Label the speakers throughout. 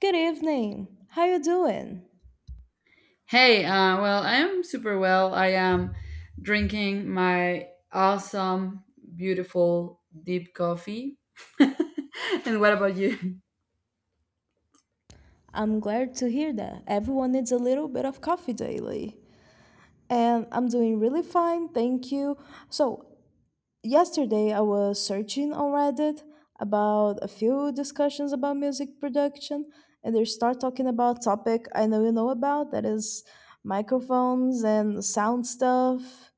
Speaker 1: Good evening. How you doing?
Speaker 2: Hey, I am super well. I am drinking my awesome, beautiful, deep coffee. And what about you?
Speaker 1: I'm glad to hear that. Everyone needs a little bit of coffee daily. And I'm doing really fine, thank you. So, Yesterday I was searching on Reddit about a few discussions about music production, and they start talking about topic I know you know about, that is microphones and sound stuff.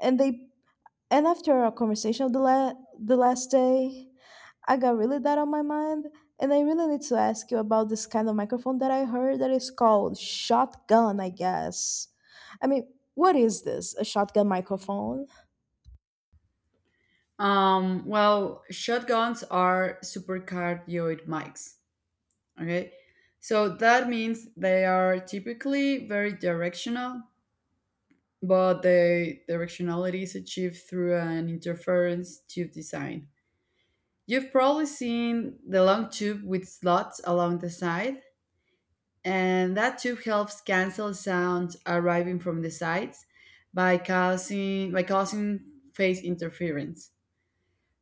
Speaker 1: And they And after our conversation of the last day, I got really that on my mind. And I really need to ask you about this kind of microphone that I heard that is called shotgun, I guess. I mean, what is this? A shotgun microphone?
Speaker 2: Shotguns are super cardioid mics. Okay. So that means they are typically very directional, but the directionality is achieved through an interference tube design. You've probably seen the long tube with slots along the side and that tube helps cancel sounds arriving from the sides by causing phase interference.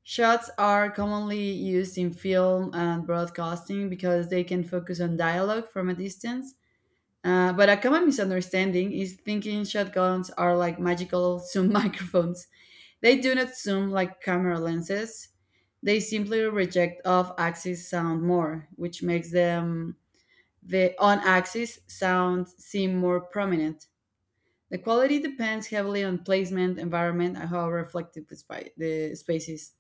Speaker 2: Shots are commonly used in film and broadcasting because they can focus on dialogue from a distance. But a common misunderstanding is thinking shotguns are like magical zoom microphones. They do not zoom like camera lenses. They simply reject off axis sound more, which makes them the on axis sounds seem more prominent. The quality depends heavily on placement, environment, and how reflective the space is.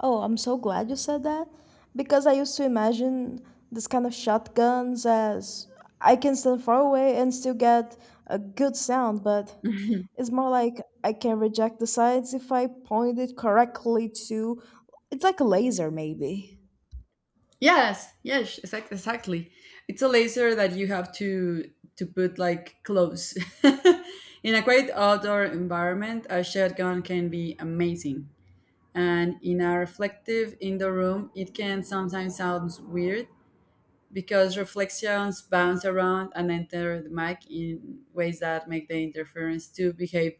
Speaker 1: Oh, I'm so glad you said that, because I used to imagine this kind of shotguns as I can stand far away and still get a good sound, but it's more like I can reject the sights if I point it correctly to. It's like a laser, maybe.
Speaker 2: Yes, yes, exactly. It's a laser that you have to put like close. In a quiet outdoor environment, a shotgun can be amazing, and in a reflective indoor room, it can sometimes sound weird because reflections bounce around and enter the mic in ways that make the interference to behave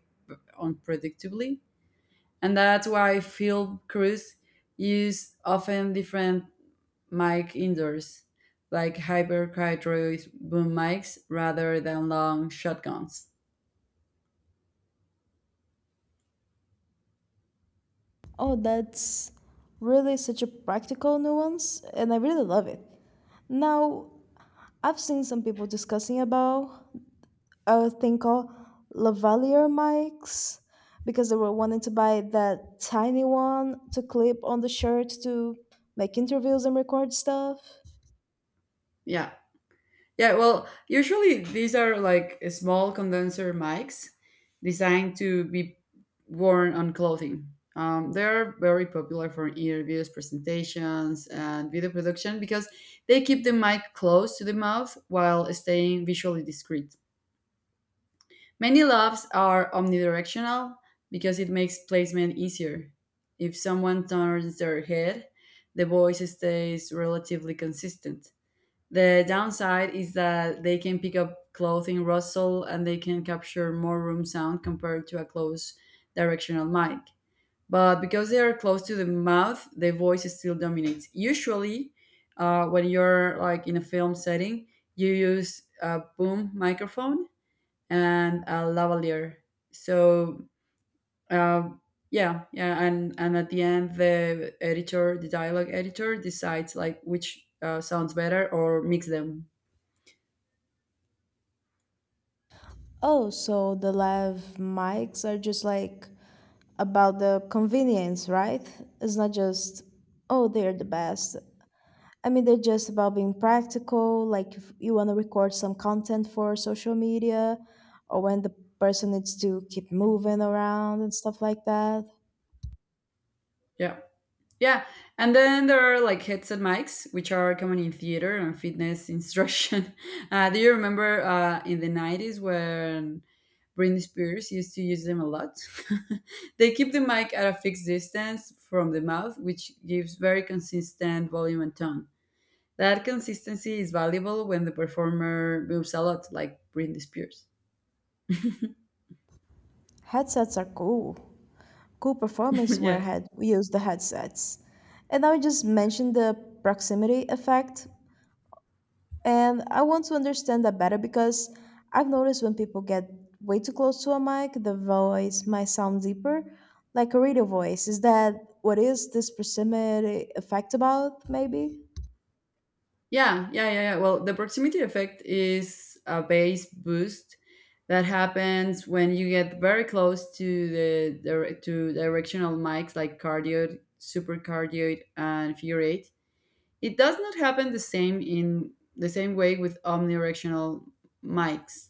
Speaker 2: unpredictably. And that's why field crews use often different mic indoors, like hyper boom mics rather than long shotguns.
Speaker 1: Oh, that's really such a practical nuance, and I really love it. Now, I've seen some people discussing about a thing called lavalier mics because they were wanting to buy that tiny one to clip on the shirt to make interviews and record stuff.
Speaker 2: Yeah. Yeah, well, usually these are like small condenser mics designed to be worn on clothing. They're very popular for interviews, presentations, and video production because they keep the mic close to the mouth while staying visually discreet. Many lavs are omnidirectional because it makes placement easier. If someone turns their head, the voice stays relatively consistent. The downside is that they can pick up clothing rustle and they can capture more room sound compared to a close directional mic. But because they are close to the mouth, the voice still dominates. Usually, when you're like in a film setting, you use a boom microphone and a lavalier. So uh, yeah, yeah, and at the end, the editor, the dialogue editor, decides like which sounds better or mix them.
Speaker 1: Oh, so the live mics are just like about the convenience, right? It's not just, oh, they're the best. They're just about being practical. Like, if you want to record some content for social media, or when the person needs to keep moving around and stuff like that.
Speaker 2: Yeah. Yeah, and then there are like headset mics, which are common in theater and fitness instruction. Do you remember in the 90s when Britney Spears used to use them a lot? They keep the mic at a fixed distance from the mouth, which gives very consistent volume and tone. That consistency is valuable when the performer moves a lot, like Britney Spears.
Speaker 1: Headsets are cool. Cool performance where
Speaker 2: Yeah.
Speaker 1: head we use the headsets. And I just mentioned the proximity effect. And I want to understand that better, because I've noticed when people get way too close to a mic, the voice might sound deeper, like a radio voice. Is that what is this proximity effect about, maybe?
Speaker 2: Yeah, yeah, yeah, yeah. Well, the proximity effect is a base boost that happens when you get very close to the to directional mics like cardioid, supercardioid, and furate. It does not happen the same in the same way with omnidirectional mics.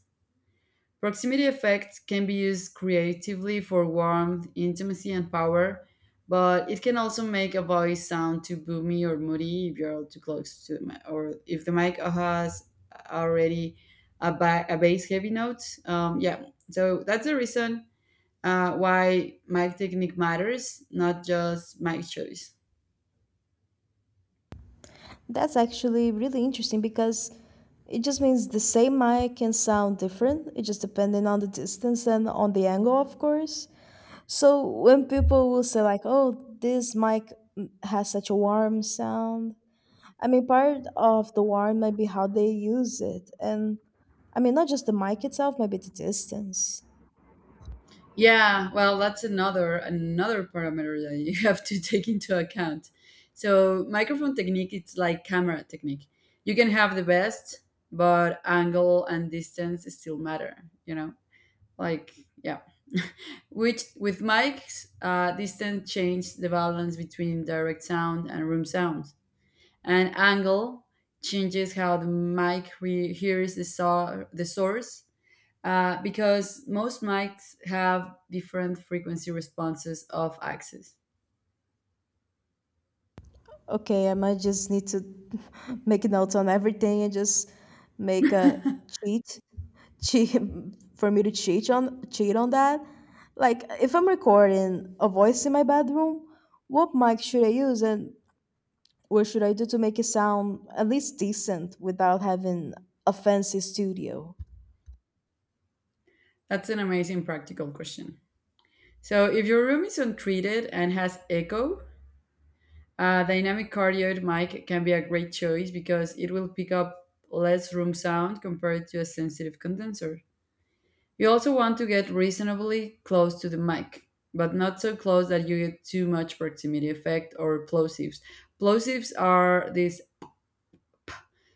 Speaker 2: Proximity effects can be used creatively for warmth, intimacy, and power, but it can also make a voice sound too boomy or moody if you're too close to the mic, or if the mic has already a bass heavy note. Yeah, so that's the reason why mic technique matters, not just mic choice.
Speaker 1: That's actually really interesting because it just means the same mic can sound different. It just depending on the distance and on the angle, of course. So when people will say like, "Oh, this mic has such a warm sound," part of the warm might be how they use it, and not just the mic itself, maybe the distance.
Speaker 2: Yeah, well, that's another parameter that you have to take into account. So microphone technique, it's like camera technique. You can have the best, but angle and distance still matter. You know, like yeah. Which with mics, distance changes the balance between direct sound and room sound, and angle changes how the mic hears the source because most mics have different frequency responses of axis.
Speaker 1: Okay, I might just need to make notes on everything and just make a cheat, cheat for me to cheat on that. Like, if I'm recording a voice in my bedroom, what mic should I use, and what should I do to make it sound at least decent without having a fancy studio?
Speaker 2: That's an amazing practical question. So, if your room is untreated and has echo, a dynamic cardioid mic can be a great choice because it will pick up less room sound compared to a sensitive condenser. You also want to get reasonably close to the mic, but not so close that you get too much proximity effect or plosives. Plosives are these.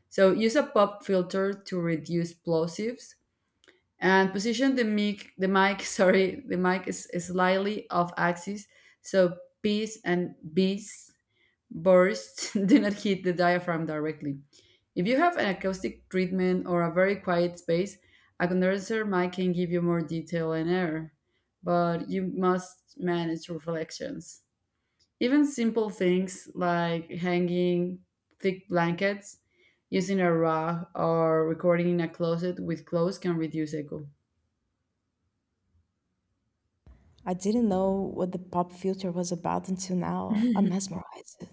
Speaker 2: So use a pop filter to reduce plosives and position the mic sorry the mic is slightly off axis so P's and B's bursts do not hit the diaphragm directly. If you have an acoustic treatment or a very quiet space, a condenser mic can give you more detail and air, but you must manage reflections. Even simple things like hanging thick blankets, using a rug, or recording in a closet with clothes can reduce echo.
Speaker 1: I didn't know what the pop filter was about until now. I'm mesmerized.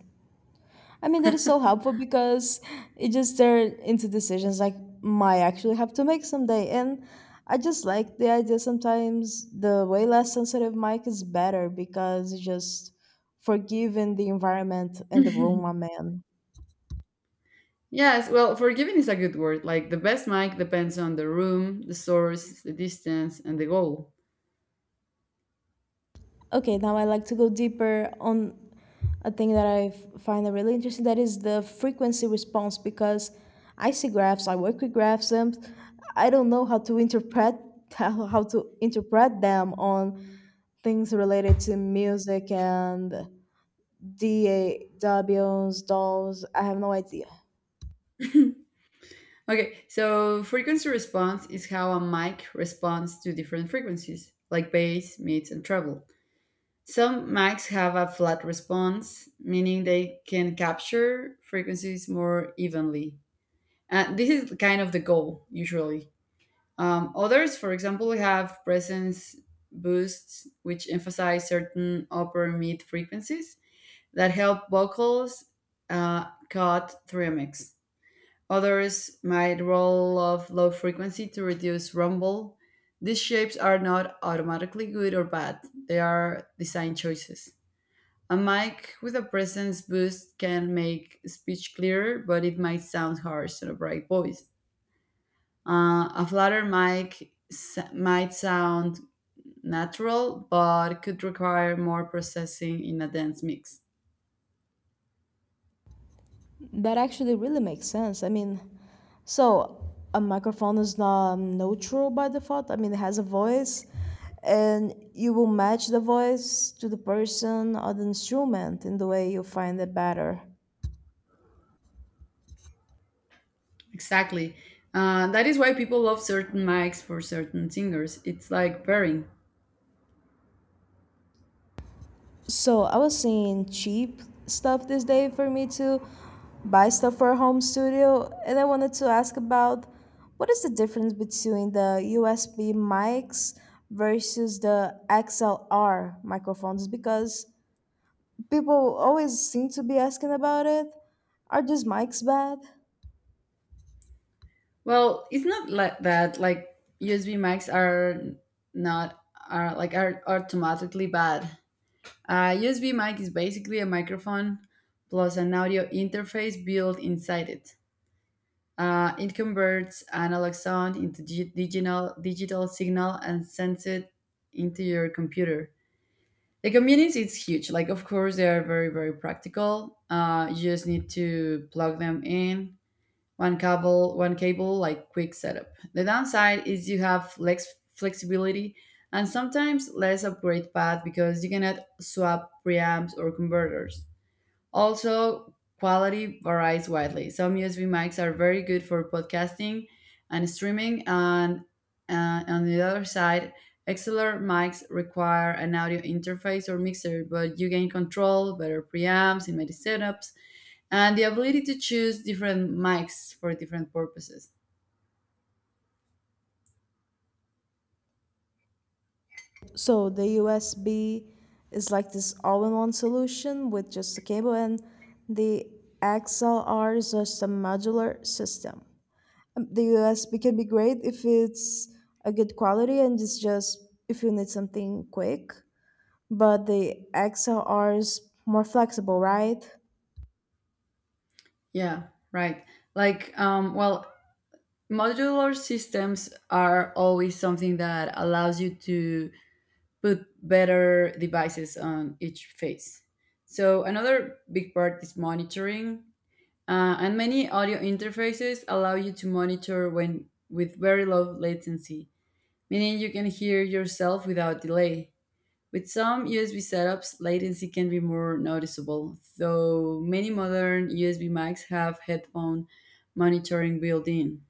Speaker 1: That is so helpful because it just turned into decisions like might actually have to make someday. And I just like the idea sometimes the way less sensitive mic is better because it's just forgiving the environment and the room I'm in.
Speaker 2: Yes, well, forgiving is a good word. Like the best mic depends on the room, the source, the distance, and the goal.
Speaker 1: Okay, now I like to go deeper on a thing that find that really interesting, that is the frequency response, because I see graphs, I work with graphs, and I don't know how to interpret how to interpret them on things related to music and DAWs, dolls. I have no idea.
Speaker 2: Okay, so frequency response is how a mic responds to different frequencies, like bass, mids, and treble. Some mics have a flat response, meaning they can capture frequencies more evenly. And this is kind of the goal, usually. Others, for example, have presence boosts, which emphasize certain upper mid frequencies that help vocals cut through a mix. Others might roll off low frequency to reduce rumble. These shapes are not automatically good or bad, they are design choices. A mic with a presence boost can make speech clearer, but it might sound harsh in a bright voice. A flatter mic might sound natural, but could require more processing in a dense mix.
Speaker 1: That actually really makes sense. So, a microphone is not neutral by default. It has a voice, and you will match the voice to the person or the instrument in the way you find it better.
Speaker 2: Exactly. That is why people love certain mics for certain singers. It's like pairing.
Speaker 1: So, I was seeing cheap stuff this day for me to buy stuff for a home studio, and I wanted to ask about what is the difference between the USB mics versus the XLR microphones, because people always seem to be asking about it. Are these mics bad?
Speaker 2: Well, it's not like that. Like USB mics are not are like are automatically bad. A USB mic is basically a microphone plus an audio interface built inside it. It converts analog sound into digital signal and sends it into your computer. The convenience is huge. Like, of course, they are very, very practical. You just need to plug them in, one cable, like quick setup. The downside is you have less flexibility and sometimes less upgrade path because you cannot swap preamps or converters. Also, quality varies widely. Some USB mics are very good for podcasting and streaming, and on the other side XLR mics require an audio interface or mixer, but you gain control, better preamps, in many setups, and the ability to choose different mics for different purposes.
Speaker 1: So the USB is like this all-in-one solution with just a cable, and the XLR is just a modular system. The USB can be great if it's a good quality and it's just if you need something quick, but the XLR is more flexible, right?
Speaker 2: Yeah, right. Like, well, modular systems are always something that allows you to put better devices on each phase. So, another big part is monitoring, and many audio interfaces allow you to monitor when with very low latency, meaning you can hear yourself without delay. With some USB setups, latency can be more noticeable, though many modern USB mics have headphone monitoring built in.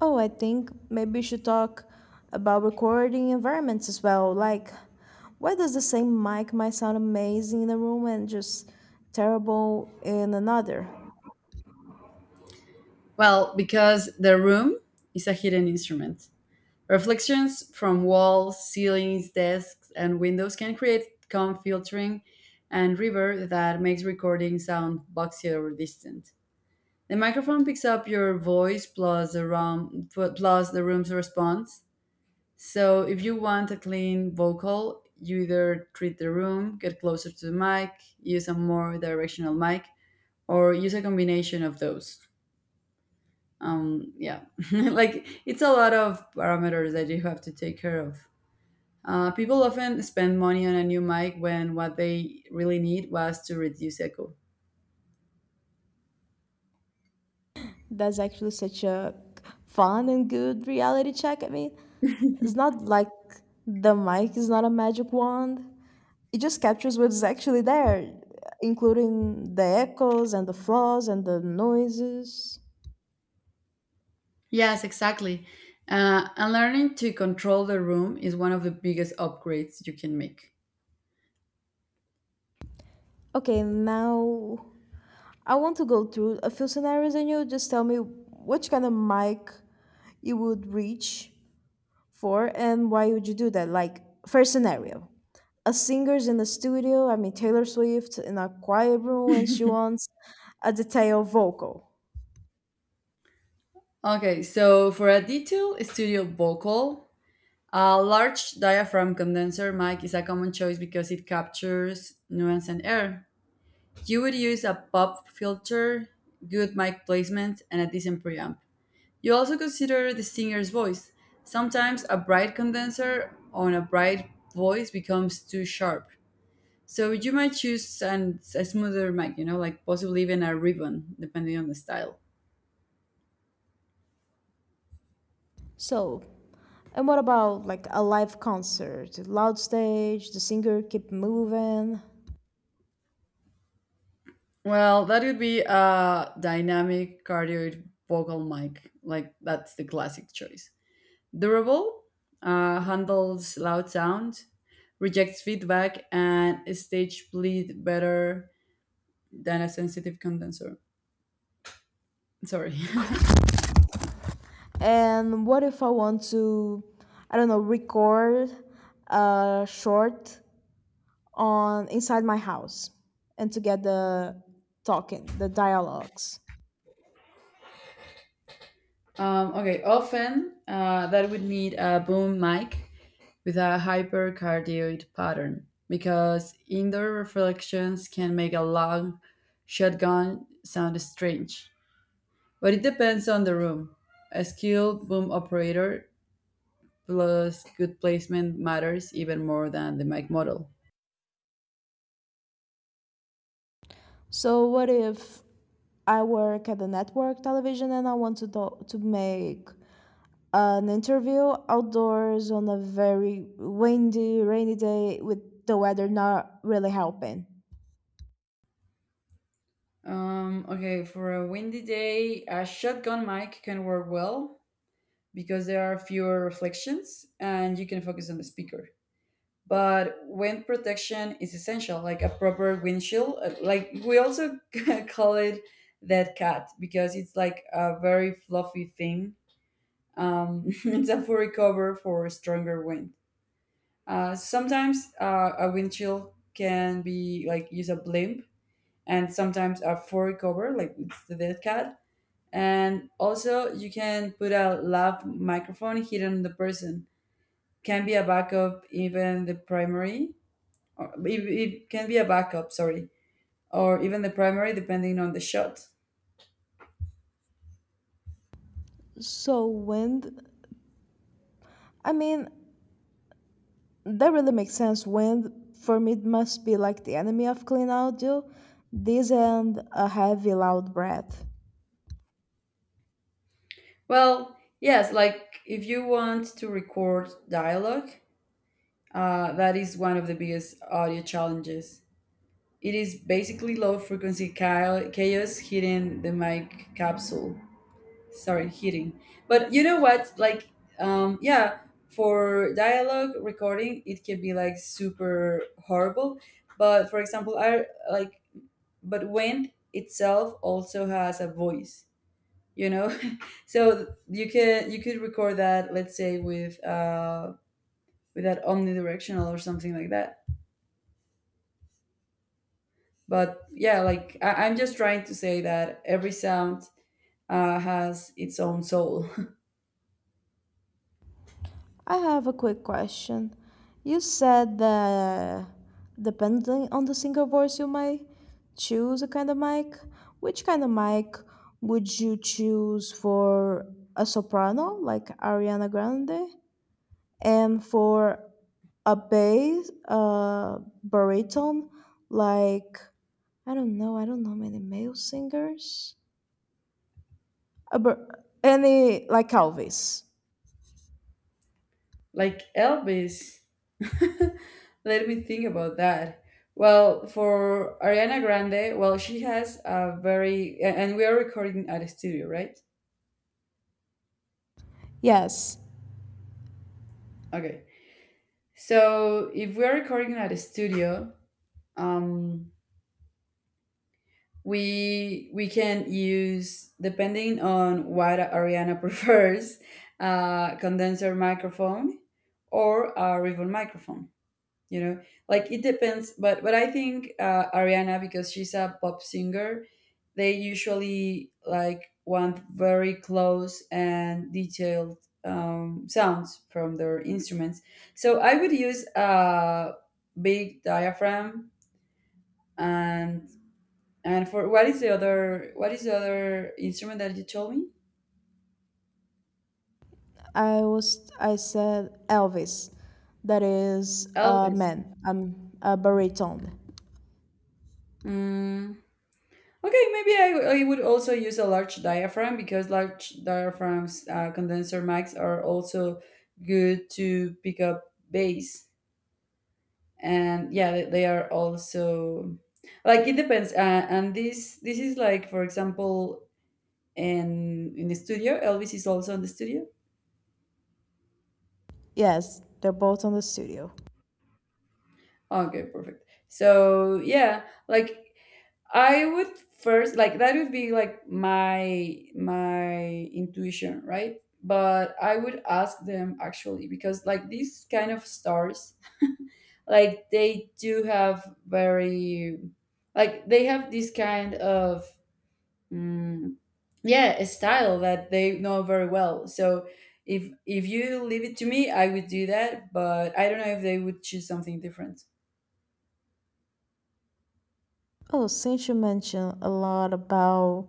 Speaker 1: Oh, I think maybe we should talk about recording environments as well. Like, why does the same mic might sound amazing in a room and just terrible in another?
Speaker 2: Well, because the room is a hidden instrument. Reflections from walls, ceilings, desks, and windows can create calm filtering and reverb that makes recording sound boxy or distant. The microphone picks up your voice plus the room, plus the room's response. So if you want a clean vocal, you either treat the room, get closer to the mic, use a more directional mic, or use a combination of those. Yeah, like it's a lot of parameters that you have to take care of. People often spend money on a new mic when what they really need was to reduce echo.
Speaker 1: That's actually such a fun and good reality check. It's not like the mic is not a magic wand. It just captures what's actually there, including the echoes and the flaws and the noises.
Speaker 2: Yes, exactly. And learning to control the room is one of the biggest upgrades you can make.
Speaker 1: Okay, now I want to go through a few scenarios and you just tell me which kind of mic you would reach for, and why would you do that? Like, first scenario. A singer's in the studio, I mean Taylor Swift in a quiet room, and she wants a detailed vocal.
Speaker 2: Okay, so for a detailed studio vocal, a large diaphragm condenser mic is a common choice because it captures nuance and air. You would use a pop filter, good mic placement, and a decent preamp. You also consider the singer's voice. Sometimes a bright condenser on a bright voice becomes too sharp. So you might choose a smoother mic, you know, like possibly even a ribbon, depending on the style.
Speaker 1: So, and what about like a live concert? Loud stage, the singer keep moving.
Speaker 2: Well, that would be a dynamic cardioid vocal mic. Like that's the classic choice. Durable, handles loud sound, rejects feedback, and stage bleed better than a sensitive condenser. Sorry.
Speaker 1: And what if I want to, I don't know, record a short on inside my house and to get the talking, the dialogues.
Speaker 2: Okay, often that would need a boom mic with a hypercardioid pattern because indoor reflections can make a long shotgun sound strange. But it depends on the room. A skilled boom operator plus good placement matters even more than the mic model.
Speaker 1: So what if I work at the network television and I want to to make an interview outdoors on a very windy, rainy day with the weather not really helping.
Speaker 2: Okay, for a windy day, a shotgun mic can work well because there are fewer reflections and you can focus on the speaker. But wind protection is essential, like a proper windshield. Like we also call it that cat because it's like a very fluffy thing. It's a furry cover for stronger wind. Sometimes a windshield can be like use a blimp, and sometimes a furry cover, like it's the dead cat. And also, you can put a lav microphone hidden on the person. Can be a backup, even the primary. Or it can be a backup, sorry, or even the primary, depending on the shot.
Speaker 1: So wind, I mean, that really makes sense. Wind for me must be like the enemy of clean audio. This and a heavy, loud breath.
Speaker 2: Well, yes, like if you want to record dialogue, that is one of the biggest audio challenges. It is basically low frequency chaos hitting the mic capsule. Sorry hitting but you know what like yeah For dialogue recording, it can be like super horrible, but for example, I like but wind itself also has a voice, you know. So you could record that, let's say, with that omnidirectional or something like that. But yeah, like I'm just trying to say that every sound has its own soul.
Speaker 1: I have a quick question. You said that depending on the single voice, you might choose a kind of mic. Which kind of mic would you choose for a soprano, like Ariana Grande, and for a bass, a baritone, like I don't know many male singers, a bar- any like Elvis.
Speaker 2: Like Elvis. Let me think about that. Well, for Ariana Grande, well, she has a and we are recording at a studio, right?
Speaker 1: Yes.
Speaker 2: Okay. So if we are recording at a studio, um, we can use, depending on what Ariana prefers, a condenser microphone or a ribbon microphone. You know, like it depends, but I think, Ariana, because she's a pop singer, they usually like want very close and detailed, sounds from their instruments. So I would use a big diaphragm. and and for what is the other what is the other instrument that you told me?
Speaker 1: I said Elvis, that is a
Speaker 2: Elvis.
Speaker 1: man, a baritone.
Speaker 2: Mm. Okay, maybe I would also use a large diaphragm, because large diaphragms, condenser mics, are also good to pick up bass. And yeah, they are also like, it depends. And this is like, for example, in the studio. Elvis is also in the studio.
Speaker 1: Yes, they're both on the studio.
Speaker 2: Okay, perfect. So yeah, like I would first, like, that would be like my intuition, right? But I would ask them actually, because like these kind of stars, like they do have very, like they have this kind of, mm, yeah, a style that they know very well. So if you leave it to me, I would do that, but I don't know if they would choose something different.
Speaker 1: Oh, since you mentioned a lot about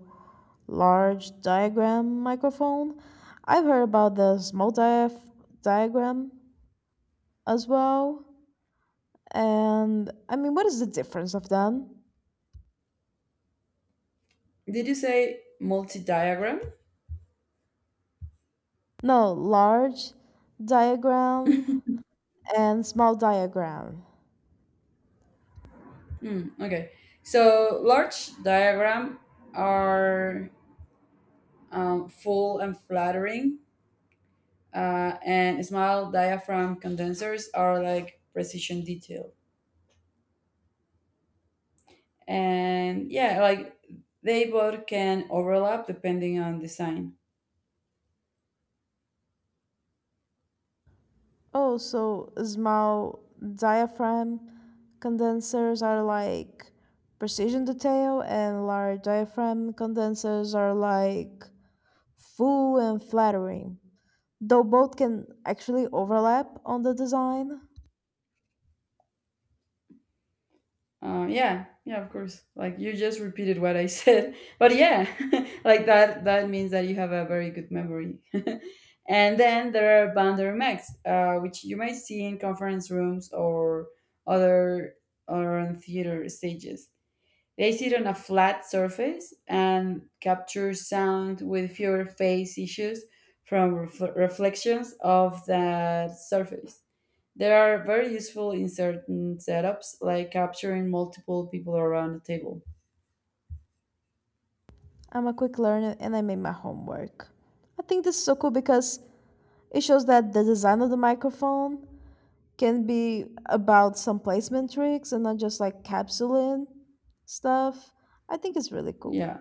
Speaker 1: large diagram microphone, I've heard about the small diaph diagram as well. And what is the difference of them?
Speaker 2: Did you say multi-diagram?
Speaker 1: No, large diagram and small diagram.
Speaker 2: Hmm, okay. So large diagram are full and flattering, and small diaphragm condensers are like precision detail. And yeah, like they both can overlap depending on design.
Speaker 1: Oh, so small diaphragm condensers are like precision detail, and large diaphragm condensers are like full and flattering. Though both can actually overlap on the design.
Speaker 2: Yeah, yeah, of course. Like you just repeated what I said, but yeah, like that means that you have a very good memory. And then there are bander mechs, which you might see in conference rooms, or other, or on theater stages. They sit on a flat surface and capture sound with fewer phase issues from reflections of that surface. They are very useful in certain setups, like capturing multiple people around the table.
Speaker 1: I'm a quick learner and I made my homework. I think this is so cool because it shows that the design of the microphone can be about some placement tricks and not just like capsuling stuff. I think it's really cool.
Speaker 2: Yeah.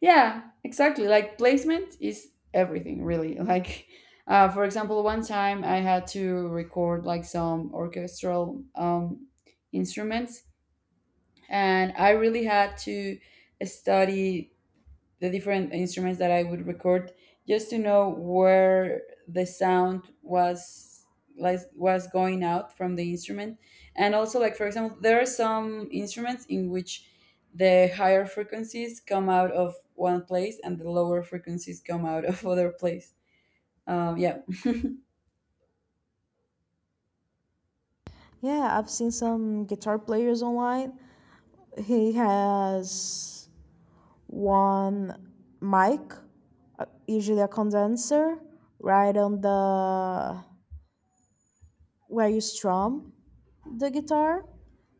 Speaker 2: Yeah, exactly. Like placement is everything, really. Like, for example, one time I had to record like some orchestral, instruments, and I really had to study the different instruments that I would record, just to know where the sound was going out from the instrument. And also, like, for example, there are some instruments in which the higher frequencies come out of one place and the lower frequencies come out of other place. um yeah
Speaker 1: Yeah, I've seen some guitar players online. He has one mic, usually a condenser, right on the where you strum the guitar,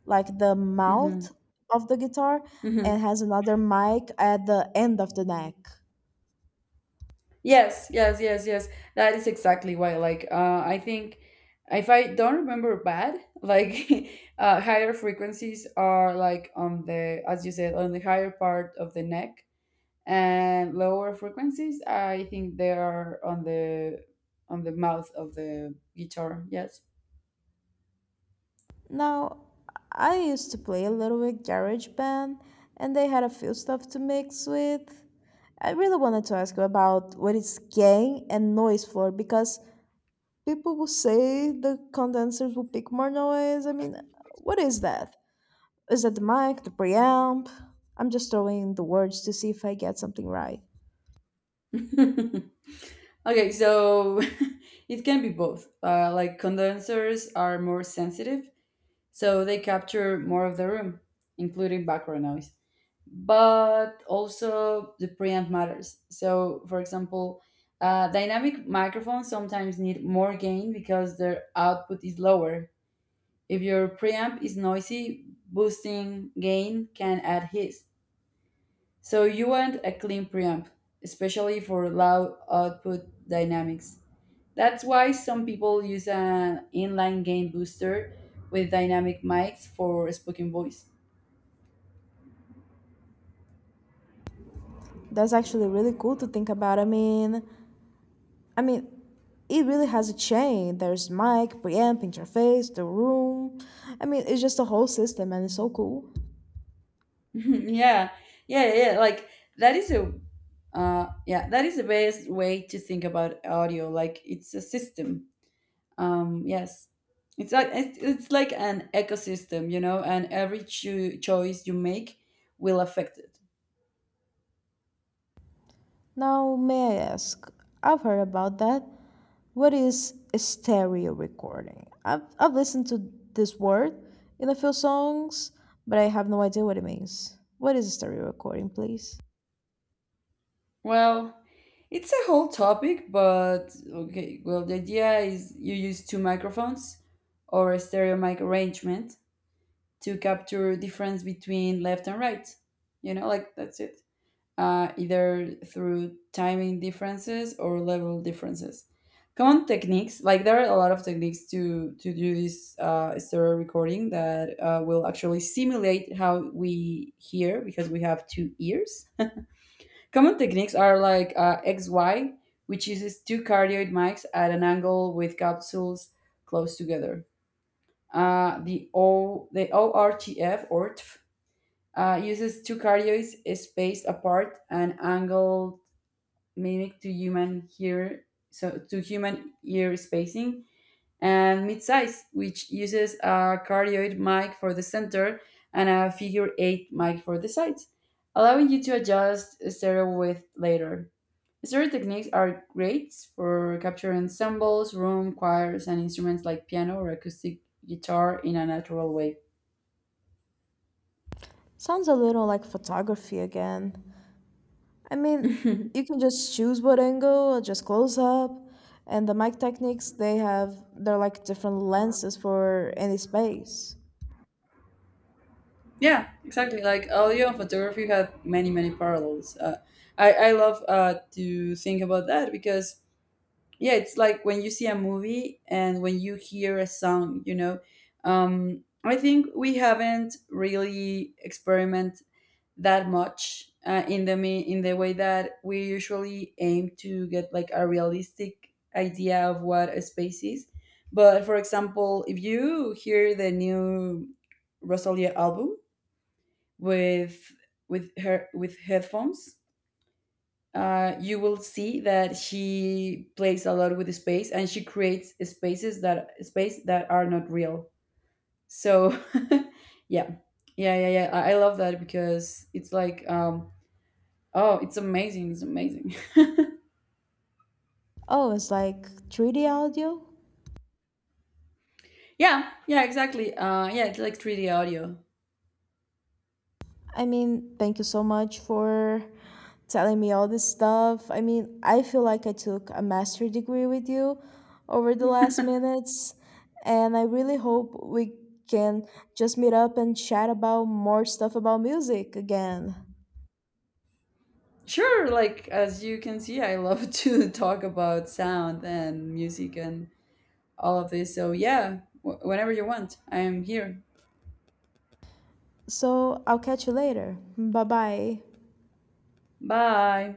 Speaker 1: like the
Speaker 2: hmm
Speaker 1: mouth of the guitar, and has another mic at the end of the neck.
Speaker 2: Yes, yes, yes, yes. That is exactly why. Like, I think, if I don't remember bad, like higher frequencies are like on the, as you said, on the higher part of the neck, and lower frequencies, I think they are on the mouth of the guitar. Yes.
Speaker 1: Now, I used to play a little with GarageBand, and they had a few stuff to mix with. I really wanted to ask you about what is gain and noise floor, because people will say the condensers will pick more noise. What is that? Is that the mic, the preamp? I'm just throwing the words to see if I get something right.
Speaker 2: Okay, so it can be both. Like, condensers are more sensitive, so they capture more of the room, including background noise. But also, the preamp matters. So, for example, dynamic microphones sometimes need more gain because their output is lower. If your preamp is noisy, boosting gain can add hiss. So, you want a clean preamp, especially for loud output dynamics. That's why some people use an inline gain booster with dynamic mics for spoken voice.
Speaker 1: That's actually really cool to think about. I mean, it really has a chain. There's mic, preamp, interface, the room. It's just a whole system and it's so cool.
Speaker 2: Yeah, yeah, yeah, like that is a, yeah, that is the best way to think about audio, like it's a system. um yes it's like it's like an ecosystem, you know, and every choice you make will affect it.
Speaker 1: Now, may I ask? I've heard about that. What is a stereo recording? I've listened to this word in a few songs, but I have no idea what it means. What is a stereo recording, please?
Speaker 2: Well, it's a whole topic, but okay. Well, the idea is you use two microphones or a stereo mic arrangement to capture difference between left and right. You know, like that's it. Either through timing differences or level differences. Common techniques, like there are a lot of techniques to do this, stereo recording that, will actually simulate how we hear because we have two ears. Common techniques are like, XY, which uses two cardioid mics at an angle with capsules close together. The ORTF or TF, uses two cardioids spaced apart and angled mimic to human ear, so to human ear spacing. And mid-size, which uses a cardioid mic for the center and a figure eight mic for the sides, allowing you to adjust stereo width later. Story techniques are great for capturing symbols, room, choirs, and instruments like piano or acoustic guitar in a natural way.
Speaker 1: Sounds a little like photography again. I mean, you can just choose what angle or just close up. And the mic techniques, they're like different lenses for any space.
Speaker 2: Yeah, exactly. Like audio and photography had many, many parallels. I love to think about that because, yeah, it's like when you see a movie and when you hear a song, you know. I think we haven't really experiment, that much, in the in the way that we usually aim to get like a realistic idea of what a space is. But for example, if you hear the new Rosalia album with with her with headphones, you will see that she plays a lot with space, and she creates space that are not real. So, yeah, yeah, yeah, yeah. I love that because it's like, oh, it's amazing. It's amazing.
Speaker 1: Oh, it's like 3D audio?
Speaker 2: Yeah, yeah, exactly. Yeah, it's like 3D audio.
Speaker 1: Thank you so much for telling me all this stuff. I feel like I took a master degree with you over the last minutes, and I really hope we can just meet up and chat about more stuff about music again.
Speaker 2: Sure, like as you can see, I love to talk about sound and music and all of this. So, yeah, whenever you want, I am here.
Speaker 1: So, I'll catch you later. Bye bye.
Speaker 2: Bye.